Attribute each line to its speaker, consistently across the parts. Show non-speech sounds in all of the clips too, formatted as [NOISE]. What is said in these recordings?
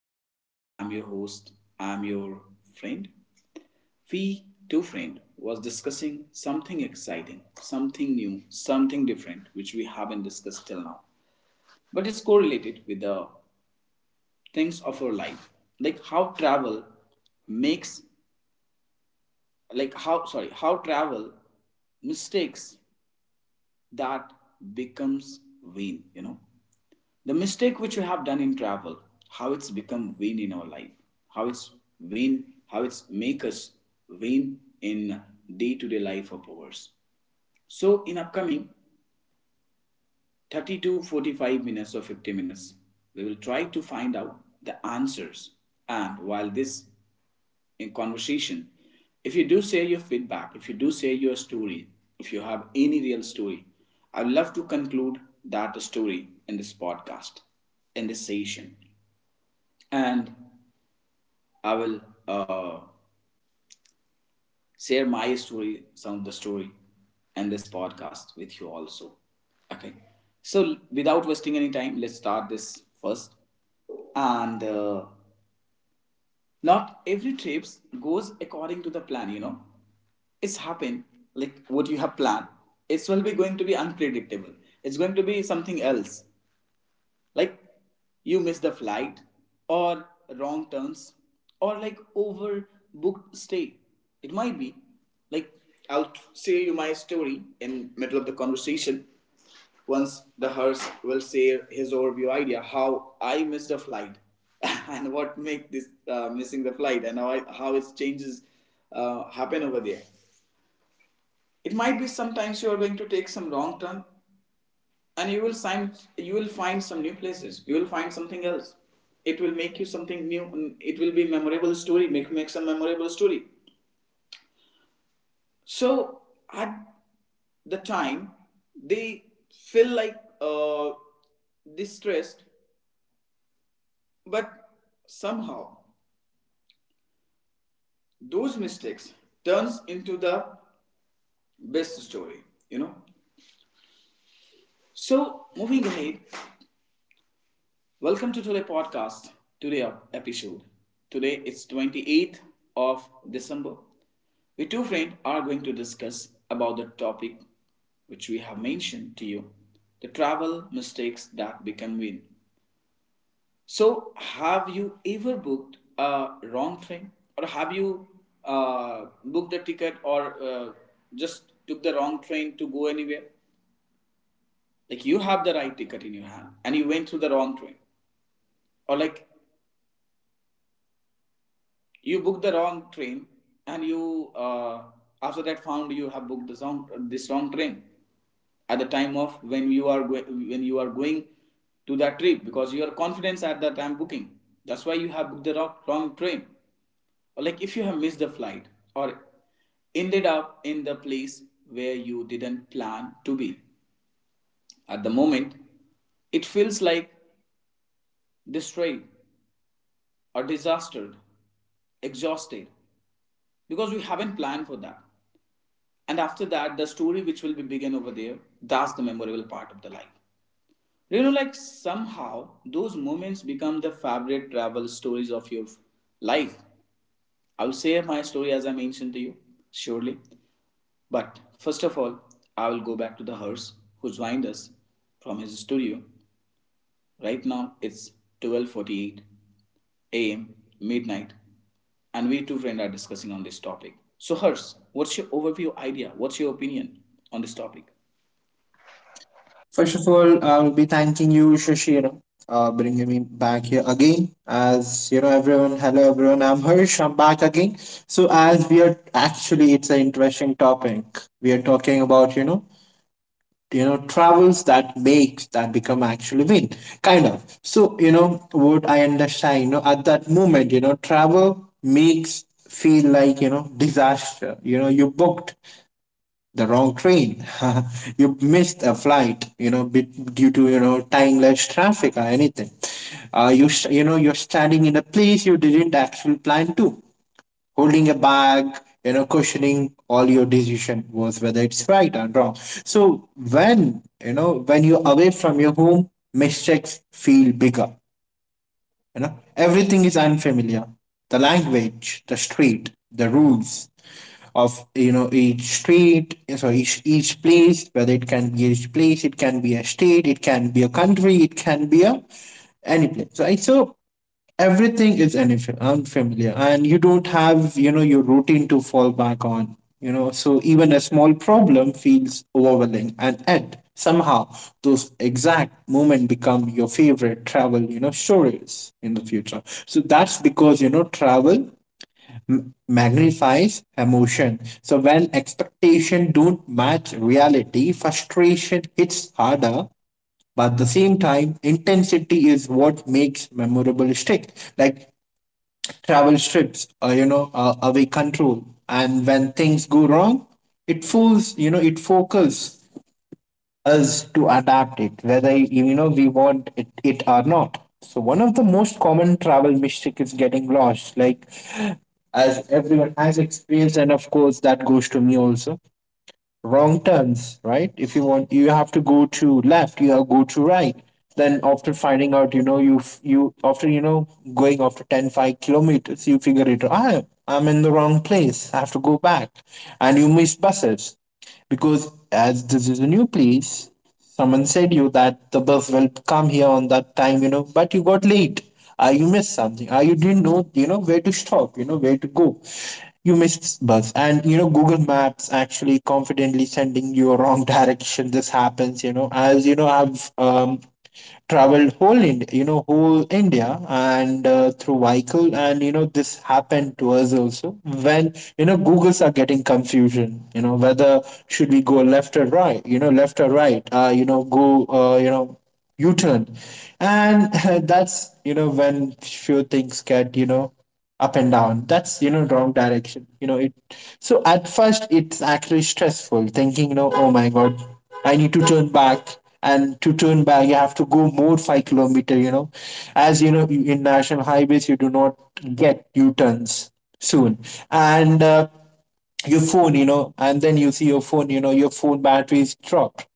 Speaker 1: your love, I'm your host, I'm your friend. We two friend was discussing something exciting, something new, something different which we haven't discussed till now. But it's correlated with the things of our life. Like how travel makes like how sorry, how travel mistakes that becomes vain, you know. The mistake which we have done in travel, how it's become vain in our life, how it's vain, how it's make us vain in day-to-day life of ours. So in upcoming 30 to 45 minutes or 50 minutes, we will try to find out the answers. And while this in conversation, if you do share your feedback, if you do share your story, if you have any real story, I would love to conclude that story in this podcast, in this session. And I will uh, share my story, some of the story, and this podcast with you also. Okay, so without wasting any time, let's start this first. And not every trips goes according to the plan. You know, it's happened like what you have planned. It's will be going to be unpredictable. It's going to be something else. Like you miss the flight or wrong turns or like overbooked stay, it might be like I'll say you my story in middle of the conversation once the host will say his overview idea how I missed the flight [LAUGHS] and what make this missing the flight and how, I, how its changes happen over there. It might be sometimes you are going to take some wrong turn and you will find some new places, you will find something else. It will make you something new. It will be a memorable story, make some memorable story. So at the time they feel like uh, distressed, but somehow those mistakes turns into the best story, you know. So moving ahead, welcome to today podcast. Today episode. Today it's 28th of December. We two friends are going to discuss about the topic which we have mentioned to you, the travel mistakes that we convene. So, have you ever booked a wrong train, or have you booked a ticket, or just took the wrong train to go anywhere? Like you have the right ticket in your hand, and you went through the wrong train, or like you booked the wrong train and you after that found you have booked the wrong train at the time of when you are when you are going to that trip because you are confident at that time booking, that's why you have booked the wrong train, or like if you have missed the flight or ended up in the place where you didn't plan to be. At the moment it feels like destroyed or disastered, exhausted because we haven't planned for that. And after that, the story which will be begin over there, that's the memorable part of the life. You know, like somehow those moments become the favorite travel stories of your life. I will share my story as I mentioned to you, surely. But first of all, I will go back to the horse who joined us from his studio. Right now it's 12:48 a.m. midnight and we two friends are discussing on this topic. So Hers, what's your overview idea? What's your opinion on this topic?
Speaker 2: First of all, I'll be thanking you, Shashira, bringing me back here again. As you know, everyone, hello everyone, I'm Harsh, I'm back again. So, as we are actually, it's an interesting topic. We are talking about, travels that makes that become actually win, kind of. So, what I understand, at that moment, travel makes feel like, disaster. You booked the wrong train. [LAUGHS] You missed a flight, bit due to timeless traffic or anything. You're standing in a place you didn't actually plan to, holding a bag, questioning all your decision, was whether it's right or wrong. So when you're away from your home, mistakes feel bigger. Everything is unfamiliar. The language, the street, the rules of each street. So each place, whether it can be each place, it can be a state, it can be a country, it can be a any place. Right? So everything is unfamiliar, and you don't have your routine to fall back on, so even a small problem feels overwhelming. And yet somehow those exact moment become your favorite travel, stories in the future. So that's because travel magnifies emotion. So when expectation don't match reality, frustration hits harder, but at the same time, intensity is what makes memorable stick. Like travel strips, away control. And when things go wrong, it fools, it focuses us to adapt it, whether, we want it or not. So one of the most common travel mistake is getting lost, like as everyone has experienced, and of course that goes to me also, wrong turns, right? If you want, you have to go to left, you have to go to right. Then after finding out, you f- you after you know going after 10 5 kilometers, you figure it out. Ah, I'm in the wrong place. I have to go back, and you miss buses because as this is a new place, someone said you that the bus will come here on that time, but you got late. You missed something. You didn't know, where to stop, where to go. You missed bus. And Google Maps actually confidently sending you a wrong [LAUGHS] direction. This happens, as, I've traveled whole India, whole India, and through vehicle. And this happened to us also when, Googles are getting confusion, whether should we go left or right, left or right, go, U-turn. And [LAUGHS] that's, when few things get, up and down, that's wrong direction, it. So at first it's actually stressful, thinking, oh my God, I need to turn back. And to turn back you have to go more 5 kilometer, as in national highways, you do not get U-turns soon. And your phone, and then you see your phone, your phone battery is dropped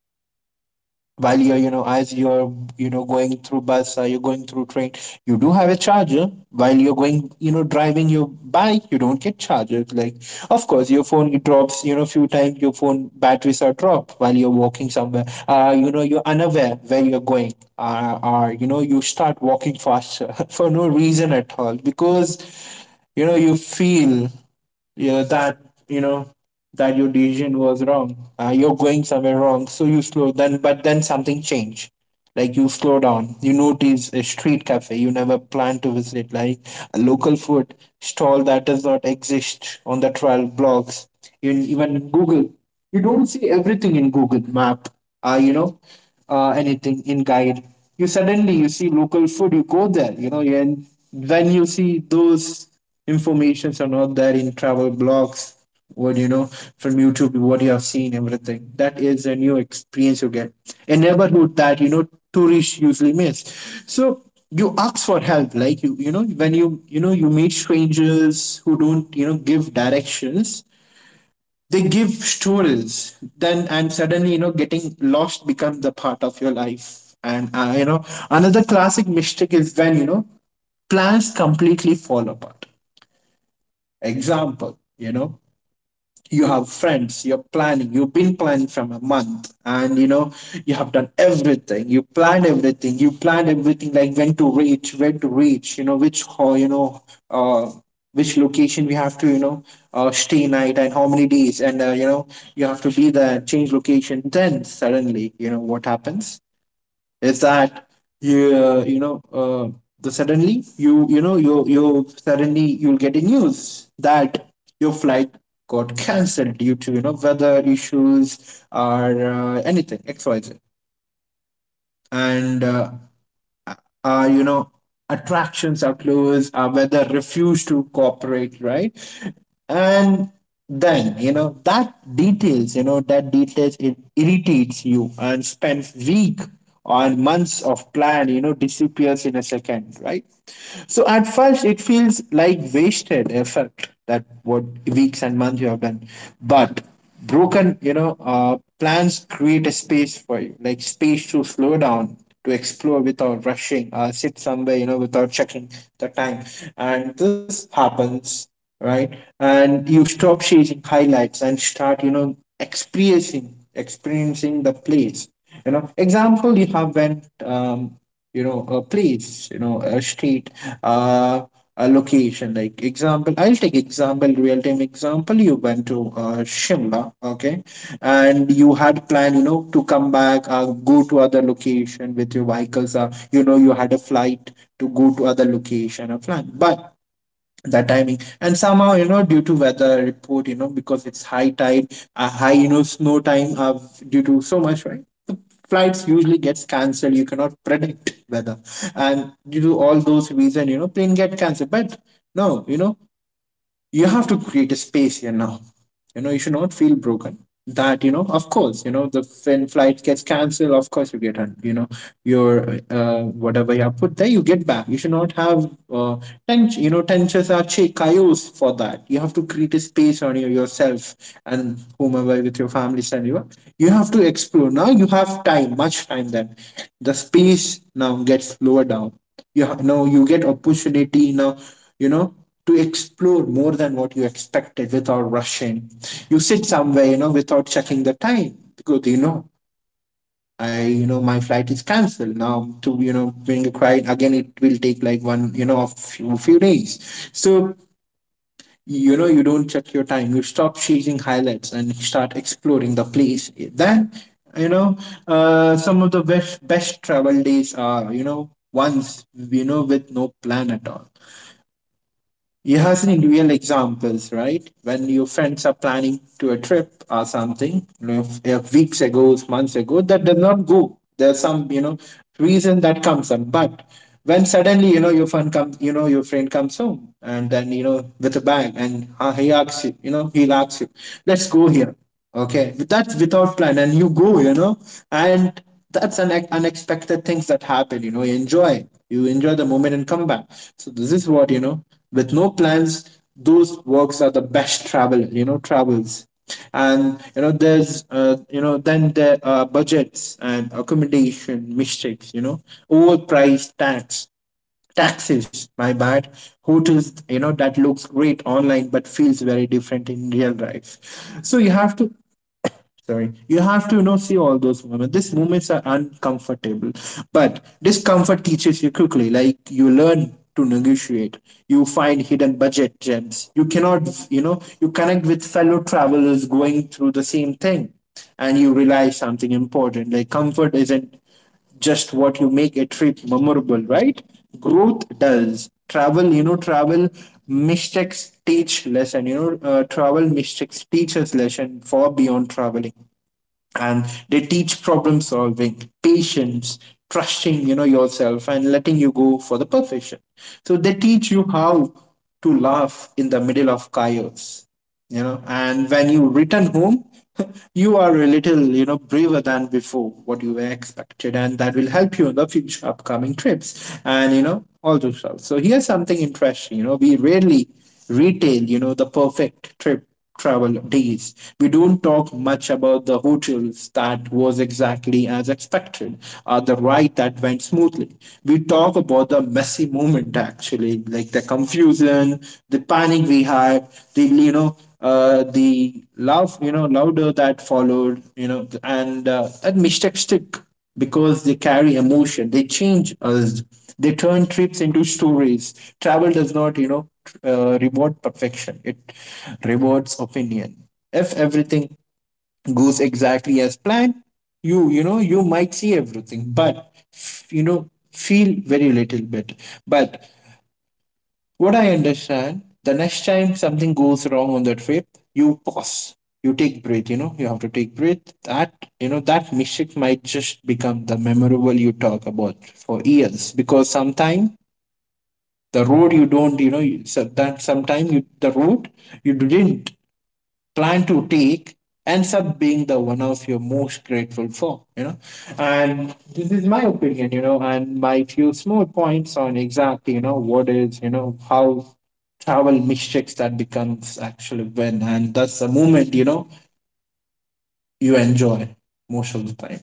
Speaker 2: while you're, as you're, going through bus or you're going through train. You do have a charger while you're going, driving your bike you don't get charger, like, of course, your phone it drops, few times your phone batteries are dropped while you're walking somewhere, you're unaware where you're going. Or you start walking faster [LAUGHS] for no reason at all because you feel, yeah, that you know that your decision was wrong. You're going somewhere wrong, so you slow. But then something changed. Like, you slow down, you notice a street cafe you never planned to visit, like a local food stall that does not exist on the 12 blocks. You even Google, you don't see everything in Google map, uh, you know anything in guide. You suddenly you see local food, you go there, and when you see, those informations are not there in travel blogs, what from YouTube, what you have seen, everything that is a new experience. You get a neighborhood that tourists usually miss. So you ask for help, like when you meet strangers who don't give directions, they give stories. Then and suddenly, getting lost becomes the part of your life. And another classic mistake is when, plans completely fall apart. Example, you have friends, you've been planning from a month, and you have done everything, you planned everything, like when to reach, uh, which location we have to, stay night, and how many days, and you have to be there, change location. Then suddenly, what happens is that, you uh, you know uh, you know you you suddenly you'll get a news that your flight got [LAUGHS] cancelled due to, weather issues, or anything XYZ. And uh, uh, you know, attractions are closed, our weather refuse to cooperate, right? And then, that details, it irritates you, and spends week or months of plan, disappears in a second, right? So at first it feels like wasted effort, that what weeks and months you have done. But broken, plans create a space for you, like space to slow down, to explore without rushing, sit somewhere, without checking the time. And this happens, right. And you stop chasing highlights and start, experiencing the place. Example, you have went, a place, a street, uh, a location, like example, I'll take example, real time example, you went to Shimla, okay. And you had plan, to come back, go to other location with your vehicles, you had a flight to go to other location, A plan. But that timing and somehow, due to weather report, because it's high tide, a high, snow time. Due to so much, right, the flights usually gets cancelled. You cannot predict [LAUGHS] weather. And due to all those reason, plane get cancelled. But no, you have to create a space here now. You should not feel broken. That, of course, the when flight gets cancelled, of course, you get, your, whatever you have put there you get back. You should not have, tension. Tensions are chaos. For that you have to create a space on your, yourself, and whomever with your family. And you are, you have to explore. Now you have time, much time, that the space now gets lower down. Now you get opportunity now, you know to explore more than what you expected, without rushing. You sit somewhere, without checking the time, because my flight is cancelled now. To, being a client again, it will take like a few days. So, you don't check your time. You stop chasing highlights and start exploring the place. Then, you know, some of the best travel days are, ones, with no plan at all. You have seen real examples, right? When your friends are planning to a trip or something, if weeks ago, months ago, that does not go. There's some, reason that comes up. But when suddenly, your friend comes home, and then, with a bag. And he'll ask you, let's go here. Okay, that's without plan, and you go, and that's an unexpected things that happen. You enjoy the moment and come back. So this is what you know. With no plans, those works are the best travel. Travels, and there's, then there are budgets and accommodation mistakes. Overpriced taxes, my bad, hotels that looks great online but feels very different in real life. So you have to, sorry, you have to, see all those moments. These moments are uncomfortable, but discomfort teaches you quickly. Like, you learn to negotiate, you find hidden budget gems. You cannot, you connect with fellow travelers going through the same thing, and you realize something important. Like, comfort isn't just what you make a trip memorable, right? Growth does. Travel mistakes teach lesson. Travel mistakes teach us lesson far beyond traveling, and they teach problem solving, patience, trusting, yourself, and letting you go for the perfection. So they teach you how to laugh in the middle of chaos, and when you return home [LAUGHS] you are a little, braver than before what you were expected, and that will help you in the future upcoming trips, and all those stuff. So here's something interesting, we rarely retail, the perfect trip travel days. We don't talk much about the hotels that was exactly as expected, or the ride that went smoothly. We talk about the messy moment actually, like the confusion, the panic we had, the love, louder, that followed, and that mistake stick because they carry emotion. They change us. They turn trips into stories. Travel does not, reward perfection. It rewards opinion. If everything goes exactly as planned, you might see everything, but feel very little bit. But what I understand, the next time something goes wrong on that trip, you pause, you take breath, you have to take breath. That, that mistake might just become the memorable you talk about for years, because sometimes the road you don't, you know, you, so the road you didn't plan to take ends up being the one of you're most grateful for, and this is my opinion, and my few small points on exactly, what is, how travel mistakes that becomes actually when, and that's the moment, you enjoy most of the time.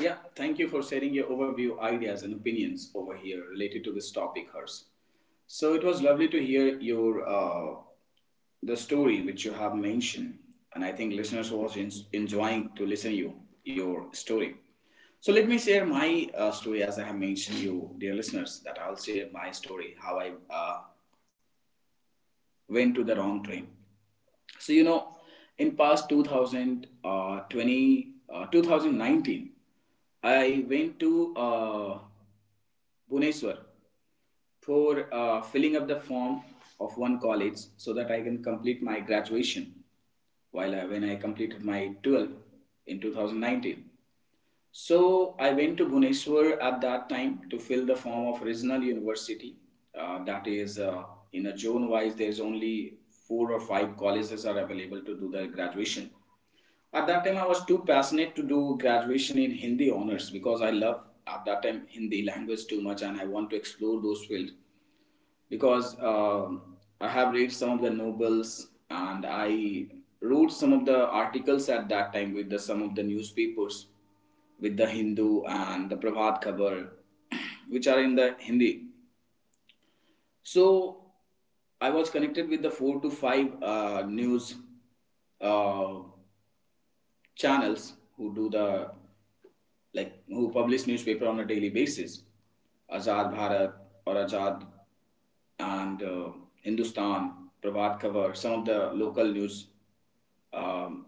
Speaker 1: Yeah, thank you for sharing your overview ideas and opinions over here related to this topic, Hers. So it was lovely to hear your the story which you have mentioned, and I think listeners was enjoying to listen you your story. So let me share my story as I have mentioned you, dear listeners, that I'll share my story how I went to the wrong train. So you know, in past 2020, 2019, I went to Bhuneshwar for filling up the form of one college so that I can complete my graduation, while when I completed my 12 in 2019. So I went to Bhuneshwar at that time to fill the form of regional university. That is in a zone wise, there's only four or five colleges are available to do the graduation. At that time, I was too passionate to do graduation in Hindi honors because I love at that time Hindi language too much and I want to explore those fields because I have read some of the novels and I wrote some of the articles at that time with the, some of the newspapers, with the Hindu and the Prabhat Khabar, [CLEARS THROAT] which are in the Hindi. So I was connected with the four to five news uh, channels who do the like who publish newspaper on a daily basis, Azad Bharat or Azad and Hindustan, Pravat Khabar, some of the local news um,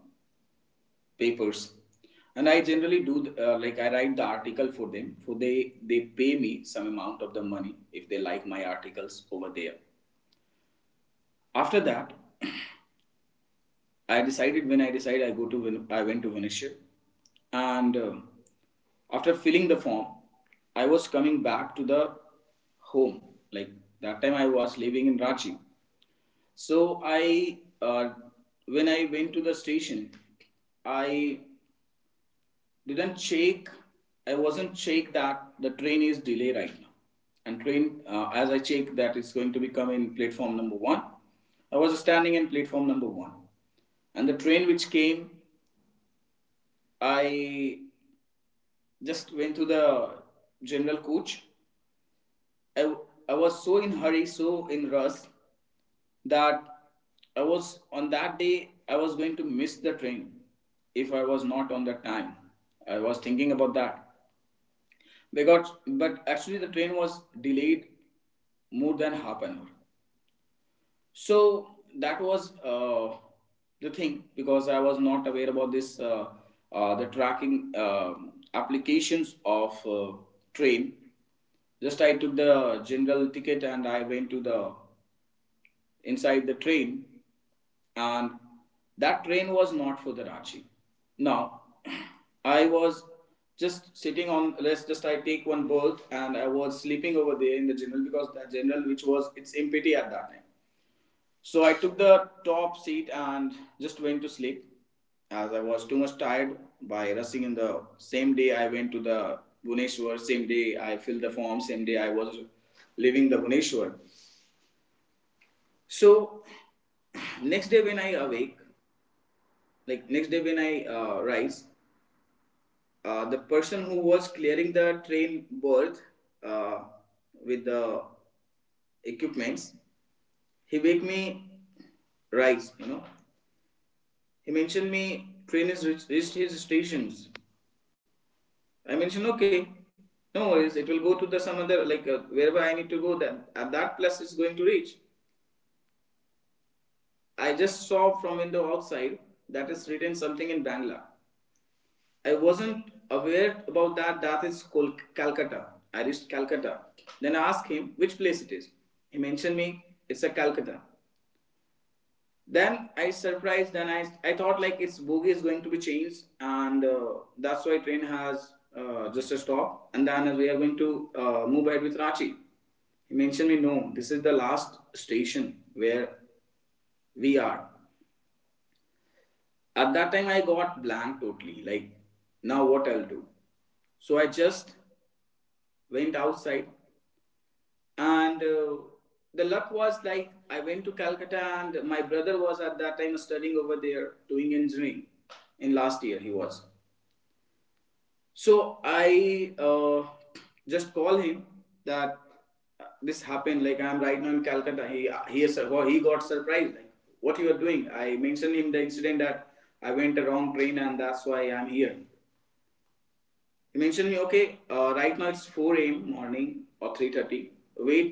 Speaker 1: papers. And I generally do like I write the article for them. For they pay me some amount of the money if they like my articles over there. After that, I decided, when I decided I go to I went to Viniship and after filling the form, I was coming back to the home. Like that time I was living in Ranchi. So I, when I went to the station, I didn't check. I wasn't check that the train is delay right now, and train as I check that it's going to be come in platform number one. I was standing in platform number one, and the train which came, I just went to the general coach. I I was so in hurry, so in rush that I was on that day I was going to miss the train if I was not on the time. I was thinking about that because but actually the train was delayed more than half an hour. So that was the thing because I was not aware about this the tracking applications of train. Just I took the general ticket and I went to the inside the train, and that train was not for the Ranchi. Now, [CLEARS THROAT] I was just sitting on, let's just I take one berth and I was sleeping over there in the general because that general which was its empty at that time. So I took the top seat and just went to sleep as I was too much tired by rushing, in the same day I went to the Bhuneshwar, same day I filled the form, same day I was leaving the Bhuneshwar. So [CLEARS THROAT] next day when I awake, like next day when I rise, the person who was clearing the train berth uh, with the equipments, he wake me rise. You know, he mentioned me train is reached, his stations. I mentioned okay, no worries, it will go to the some other like wherever I need to go. That at that place is going to reach. I just saw from window outside that is written something in Bangla. I wasn't aware about that. That is Calcutta. I reached Calcutta. Then I asked him which place it is. He mentioned me, it's a Calcutta. Then I surprised. Then I thought like its bogie is going to be changed, and that's why train has just a stop. And then we are going to move ahead with Ranchi. He mentioned me, no, this is the last station where we are. At that time, I got blank totally. Like, now what I'll do? So I just went outside and the luck was like I went to Calcutta and my brother was at that time studying over there doing engineering, in last year he was. So I just call him that this happened, like I'm right now in Calcutta. He well, he got surprised like what you are doing. I mentioned him the incident that I went a wrong train and that's why I'm here. He mentioned me, okay, right now it's 4 a.m. morning or 3:30. Wait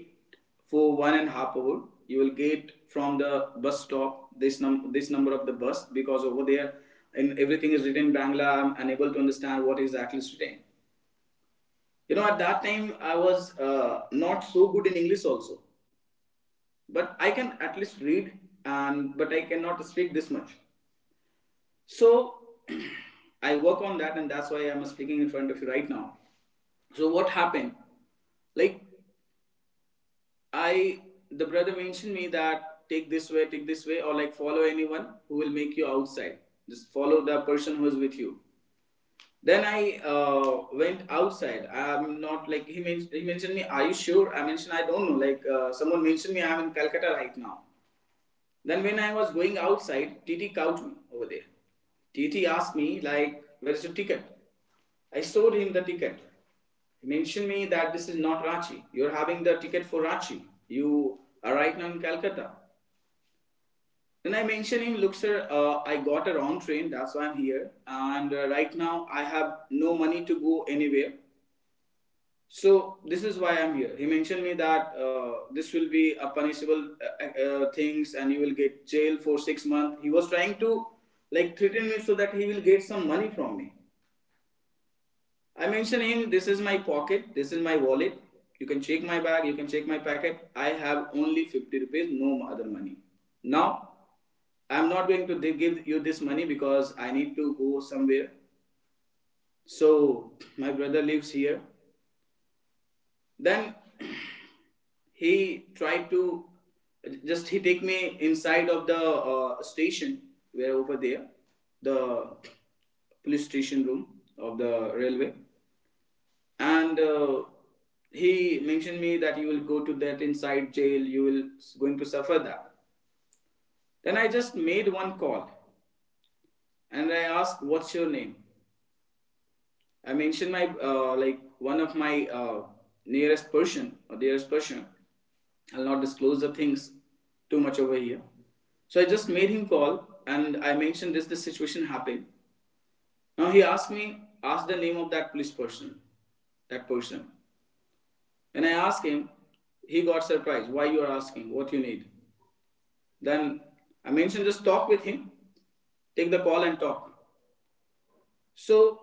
Speaker 1: for 1.5 hours. You will get from the bus stop this number of the bus because over there and everything is written in Bangla. I'm unable to understand what exactly is written. You know, at that time I was not so good in English also, but I can at least read and but I cannot speak this much. So [CLEARS THROAT] I work on that, and that's why I'm speaking in front of you right now. So what happened? Like I, the brother mentioned me that take this way, or like follow anyone who will make you outside. Just follow the person who is with you. Then I went outside. I'm not like he mentioned me. Are you sure? I mentioned I don't know. Like someone mentioned me. I'm in Calcutta right now. Then when I was going outside, TT caught me over there. TT asked me like, "Where's your ticket?" I showed him the ticket. He mentioned me that this is not Ranchi. You're having the ticket for Ranchi. You are right now in Calcutta. Then I mentioned him, look sir, I got a wrong train. That's why I'm here. And right now I have no money to go anywhere. So this is why I'm here. He mentioned me that this will be a punishable things, and you will get jail for 6 months. He was trying to like threaten me so that he will get some money from me. I mentioned him. This is my pocket. This is my wallet. You can check my bag. You can check my packet. I have only 50 rupees. No other money. Now I'm not going to give you this money because I need to go somewhere. So my brother lives here. Then he tried to just he take me inside of the station where over there the police station room of the railway, and he mentioned me that you will go to that inside jail, you will going to suffer that. Then I just made one call, and I asked what's your name. I mentioned my like one of my nearest person or dearest person. I'll not disclose the things too much over here. So I just made him call, and I mentioned this situation happened. Now he asked me ask the name of that police person, that person. When I asked him, he got surprised. Why you are asking? What you need? Then I mentioned just talk with him, take the call and talk. So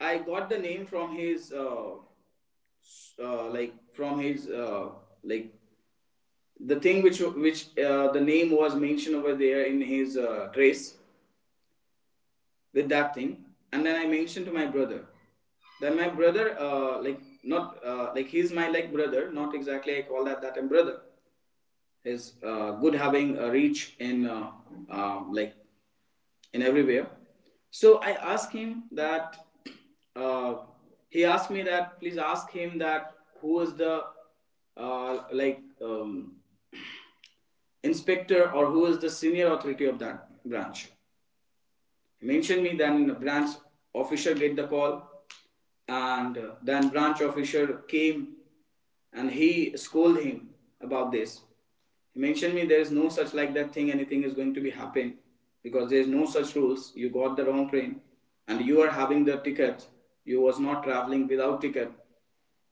Speaker 1: I got the name from his like from his like the thing which the name was mentioned over there in his trace with that thing, and then I mentioned to my brother. Then my brother like not like he's my like brother, not exactly I call that time brother. His good having a reach in like in everywhere. So I asked him that uh, he asked me that please ask him that who is the like [CLEARS THROAT] inspector or who is the senior authority of that branch mentioned me. Then branch officer get the call, and then branch officer came, and he scolded him about this. He mentioned me there is no such like that thing. Anything is going to be happen because there is no such rules. You got the wrong train, and you are having the ticket. You was not traveling without ticket,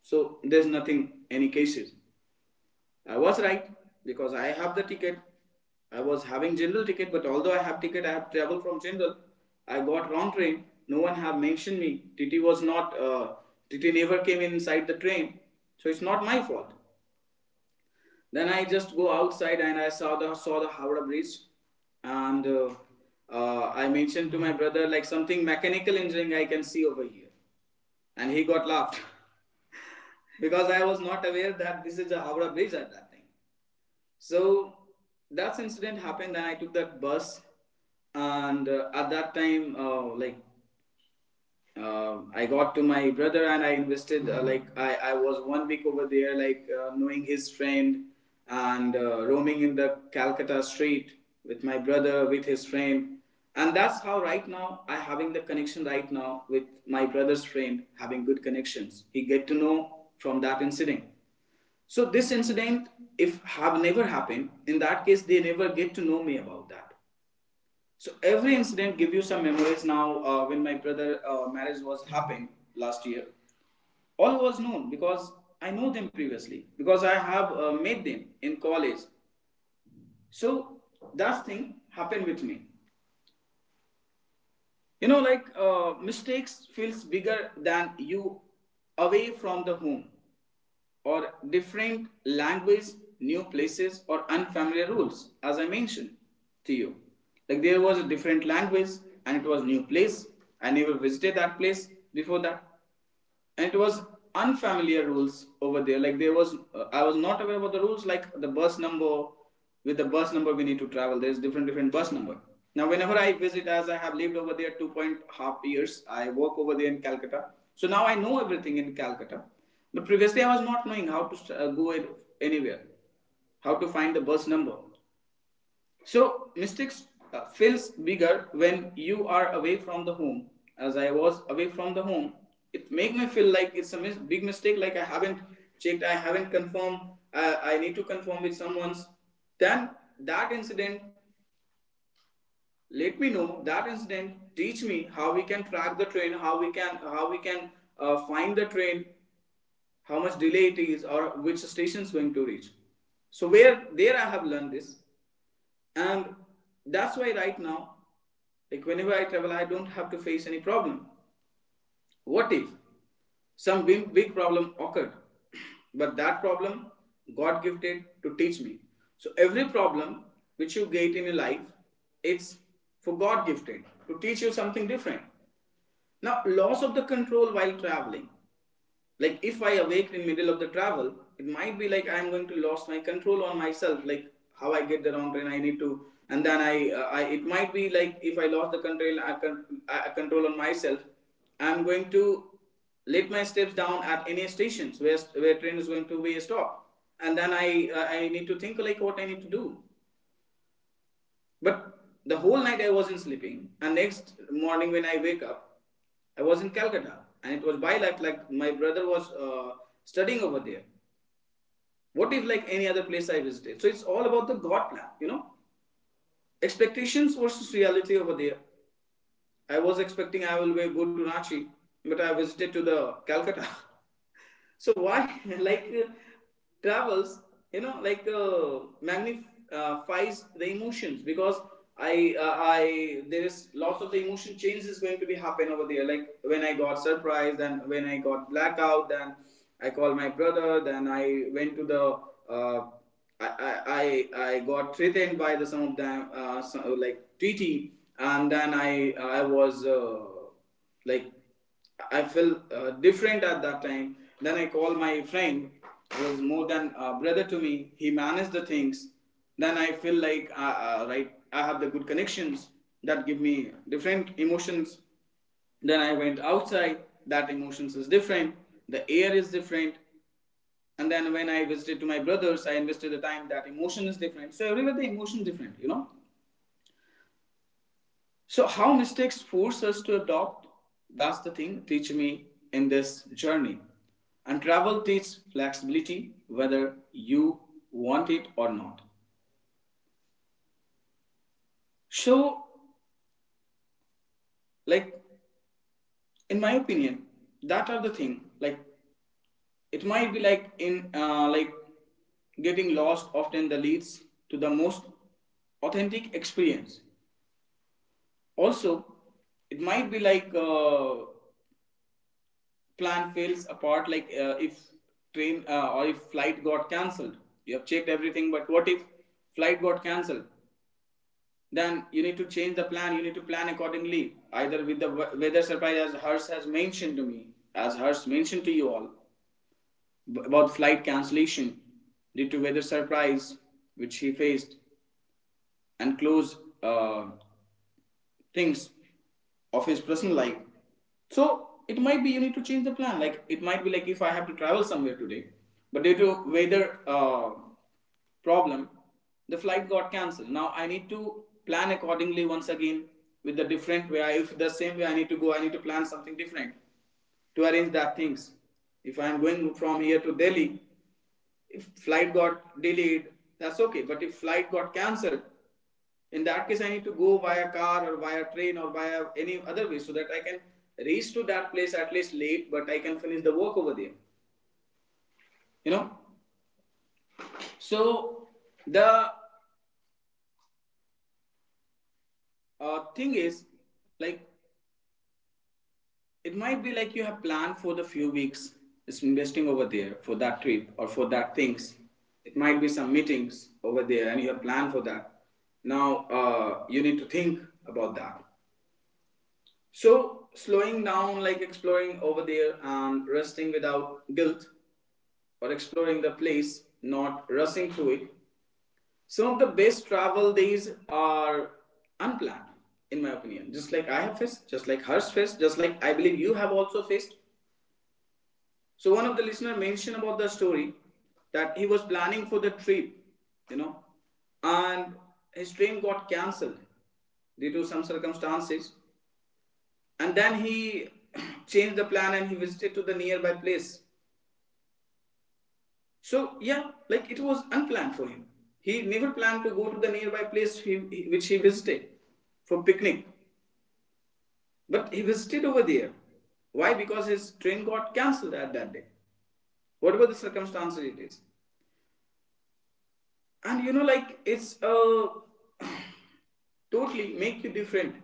Speaker 1: so there's nothing any cases. I was right because I have the ticket. I was having general ticket, but although I have ticket, I have traveled from general. I got wrong train. No one have mentioned me. TT was not. TT never came inside the train, so it's not my fault. Then I just go outside, and I saw the Howrah Bridge, and I mentioned to my brother like something mechanical engineering I can see over here, and he got laughed [LAUGHS] because I was not aware that this is a Howrah Bridge at that time. So that incident happened. Then I took that bus, and at that time, like I got to my brother and I invested. Like I was one week over there, like knowing his friend and roaming in the Calcutta street with my brother, with his friend, and that's how right now I having the connection right now with my brother's friend, having good connections. He get to know from that incident. So this incident, if have never happened, in that case they never get to know me about that. So every incident give you some memories. Now, when my brother marriage was happening last year, all was known because I know them previously because I have met them in college. So that thing happened with me. You know, like mistakes feels bigger than you away from the home. Or different language, new places, or unfamiliar rules, as I mentioned to you. Like there was a different language, and it was new place. I never visited that place before that, and it was unfamiliar rules over there, like there was I was not aware about the rules, like the bus number, with the bus number we need to travel, there's different different bus number. Now whenever I visit, as I have lived over there two point half years, I work over there in Calcutta, so now I know everything in Calcutta, but previously I was not knowing how to go anywhere, how to find the bus number. So mistakes feels bigger when you are away from the home. As I was away from the home, it make me feel like it's a big mistake. Like I haven't checked, I haven't confirmed. I need to confirm with someone's. Then that incident let me know. That incident teach me how we can track the train, how we can how we can find the train, how much delay it is, or which station is going to reach. So where there I have learned this, and that's why right now, like whenever I travel, I don't have to face any problem. What if some big, big problem occurred? [CLEARS THROAT] But that problem God gifted to teach me. So every problem which you get in your life, it's for God gifted to teach you something different. Now, loss of the control while traveling, like if I awake in middle of the travel, it might be like I'm going to lose my control on myself, like how I get the wrong train I need to, and then I it might be like if I lost the control, can I control on myself? I'm going to let my steps down at any stations where train is going to be a stop, and then I need to think like what I need to do. But the whole night I wasn't sleeping, and next morning when I wake up, I was in Calcutta, and it was by luck like my brother was studying over there. What if like any other place I visited? So it's all about the God plan, you know. Expectations versus reality over there. I was expecting I will go to Ranchi, but I visited to the Calcutta. [LAUGHS] So why [LAUGHS] like travels, like magnifies the emotions, because I there is lots of the emotion change is going to be happen over there. Like when I got surprised and when I got blackout, then I called my brother, then I went to the. I, I, I got threatened by the some of them some, like treaty, and then I was like I feel different at that time. Then I call my friend who is more than a brother to me. He managed the things. Then I feel like right, I have the good connections. That give me different emotions. Then I went outside. That emotions is different. The air is different. And then when I visited to my brothers, I invested the time, that emotion is different. So everywhere the emotion is different. So, how mistakes force us to adopt, that's the thing, teach me in this journey. And travel teaches flexibility, whether you want it or not. So, like, in my opinion, that are the thing. Like, it might be like in, like, getting lost often the leads to the most authentic experience. Also, it might be like plan fails apart, like if train or if flight got cancelled. You have checked everything, but what if flight got cancelled? Then you need to change the plan, you need to plan accordingly, either with the weather surprise, as Harsh has mentioned to me, as Harsh mentioned to you all about flight cancellation due to weather surprise, which he faced, and close uh, things of his personal life. So it might be you need to change the plan. Like it might be like if I have to travel somewhere today, but due to weather problem, the flight got cancelled. Now I need to plan accordingly once again with the different way. If the same way I need to go, I need to plan something different to arrange that things. If I am going from here to Delhi, if flight got delayed, that's okay. But if flight got cancelled, in that case I need to go via car or via train or via any other way so that I can reach to that place at least late but I can finish the work over there. You know so the Thing is, like, it might be like you have planned for the few weeks is investing over there for that trip or for that things. It might be some meetings over there and you have planned for that. Now you need to think about that. So, slowing down, like exploring over there and resting without guilt, or exploring the place, not rushing through it. Some of the best travel days are unplanned, in my opinion. Just like I have faced, just like Harsh faced, just like I believe you have also faced. So, one of the listener mentioned about the story that he was planning for the trip, you know, and his train got cancelled due to some circumstances, and then he [CLEARS THROAT] changed the plan and he visited to the nearby place. So yeah, like, it was unplanned for him. He never planned to go to the nearby place, which he visited for picnic. But he visited over there. Why? Because his train got cancelled at that day, whatever the circumstances it is. And you know, like, it's totally make you different,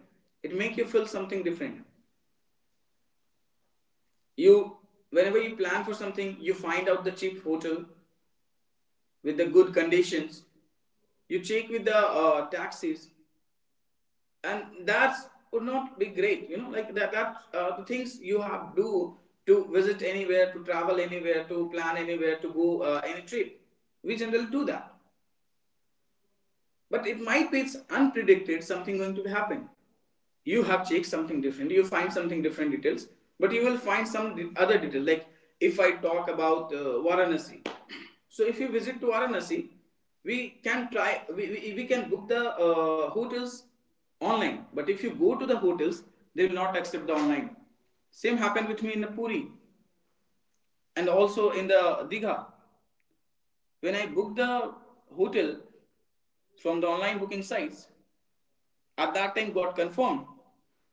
Speaker 1: it make you feel something different. You, whenever you plan for something, you find out the cheap hotel with the good conditions. You check with the taxis and that would not be great, you know, like that the things you have do to visit anywhere, to travel anywhere, to plan anywhere, to go any trip, we generally do that. But it might be it's unpredicted something going to happen. You have checked something different, you find something different details, but you will find some other detail. Like, if I talk about Varanasi, so if you visit to Varanasi, we can try we can book the hotels online. But if you go to the hotels, they will not accept the online. Same happened with me in the Puri and also in the Digha. When I booked the hotel from the online booking sites, at that time got confirmed.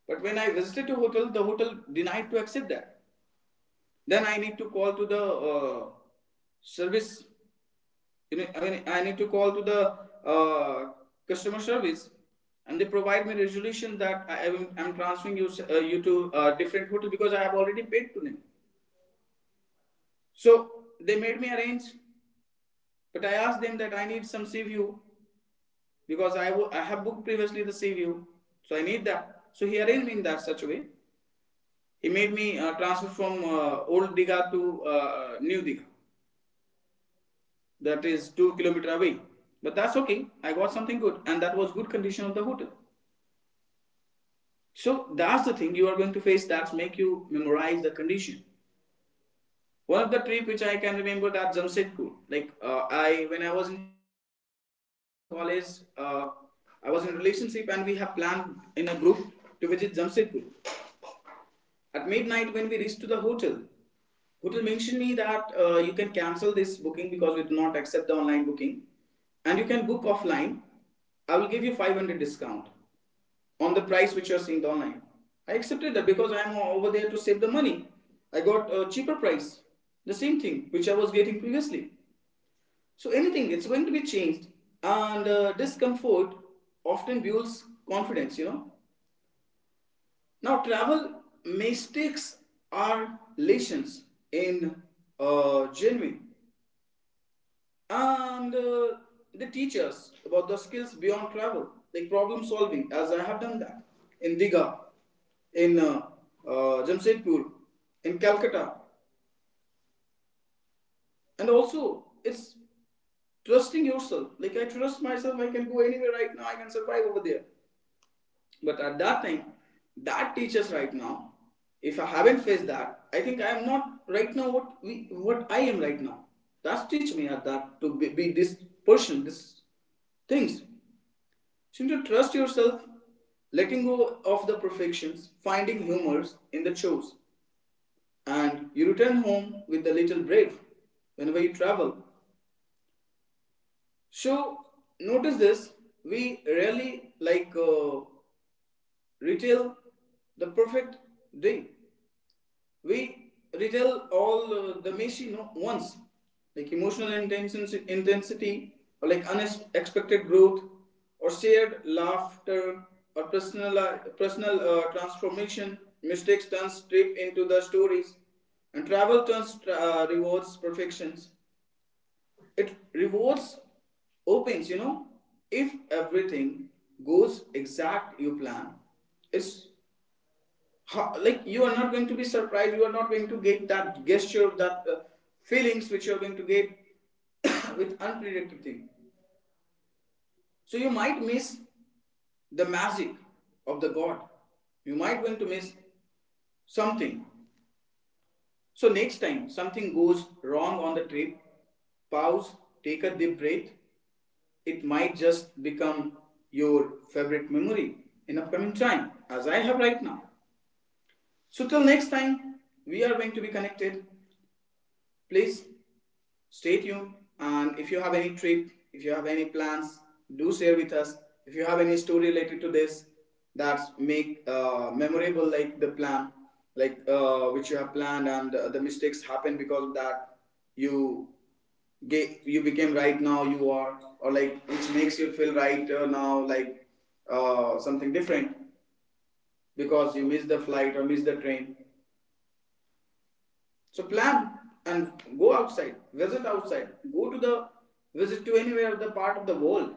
Speaker 1: But when I visited the hotel denied to accept that. Then I need to call to the service. You know, I mean, I need to call to the uh, customer service, and they provide me resolution that I'm transferring you to a different hotel because I have already paid to them. So they made me arrange, but I asked them that I need some sea view because I have booked previously the sea view, so I need that. So he arranged me in that such a way. He made me transfer from old Diga to new Diga, that is 2 kilometers away. But that's okay. I got something good, and that was good condition of the hotel. So that's the thing you are going to face. That's make you memorize the condition. One of the trip which I can remember that Jamshedpur. I, when I was in college, uh, I was in relationship and we have planned in a group to visit Jamshedpur. At midnight when we reached to the hotel, it will mention me that you can cancel this booking because we do not accept the online booking, and you can book offline. I will give you 500 discount on the price which you are seeing the online. I accepted that because I am over there to save the money. I got a cheaper price, the same thing which I was getting previously. So anything, it's going to be changed, and discomfort often builds confidence. You know, now, travel mistakes are lessons in genuine, and they teach us about the skills beyond travel, like problem solving, as I have done that in Diga, in Jamshedpur, in Calcutta, and also it's trusting yourself. Like, I trust myself, I can go anywhere right now. I can survive over there. But at that time, that teachers right now, if I haven't faced that, I think I am not right now what I am right now. That's teach me at that to be this person, this things. Shouldn't you trust yourself, letting go of the perfections, finding humors in the chores, and you return home with a little brave whenever you travel. So notice this: we rarely retail the perfect day, we retell all the machine, no, once, like emotional intensity or like unexpected growth or shared laughter or personal transformation. Mistakes turns trip into the stories, and travel turns rewards perfections, it rewards opens, you know. If everything goes exact you plan, it's how, like, you are not going to be surprised, you are not going to get that gesture, that feelings which you are going to get [COUGHS] with unpredictable thing. So you might miss the magic of the god, you might going to miss something. So next time something goes wrong on the trip, pause, take a deep breath, it might just become your favorite memory in upcoming time, as I have right now. So till next time we are going to be connected. Please stay tuned, and if you have any trip, if you have any plans, do share with us. If you have any story related to this that make memorable, like the plan, like which you have planned, and the mistakes happen because of that, you get, you became right now you are, or like which makes you feel right now, like something different, because you miss the flight or miss the train. So plan and go outside, visit outside, go to the visit to anywhere of the part of the world.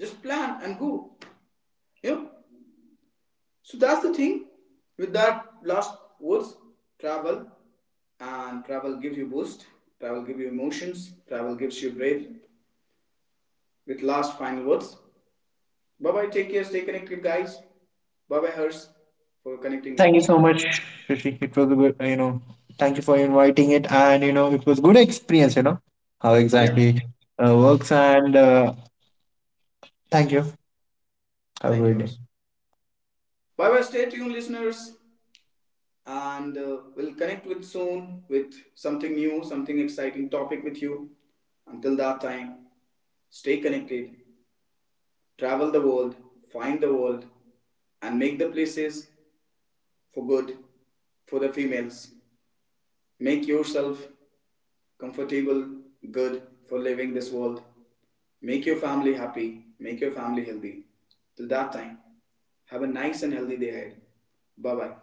Speaker 1: Just plan and go. You know? So that's the thing. With that last words, travel, and travel gives you boost, travel gives you emotions, travel gives you breath. With last final words. Bye bye, take care, stay connected guys. Bye bye Hers for connecting with
Speaker 2: Thank you
Speaker 1: us.
Speaker 2: so much, Rishi. It was a good, thank you for inviting it, and it was good experience, how
Speaker 1: Yeah,
Speaker 2: exactly works. And thank you, have a
Speaker 1: thank you
Speaker 2: great
Speaker 1: Hers.
Speaker 2: day.
Speaker 1: Bye bye, stay tuned listeners. And we'll connect with soon with something new, something exciting topic with you. Until that time, stay connected, travel the world, find the world, and make the places for good for the females. Make yourself comfortable, good for living this world. Make your family happy, make your family healthy. Till that time, have a nice and healthy day ahead. Bye bye.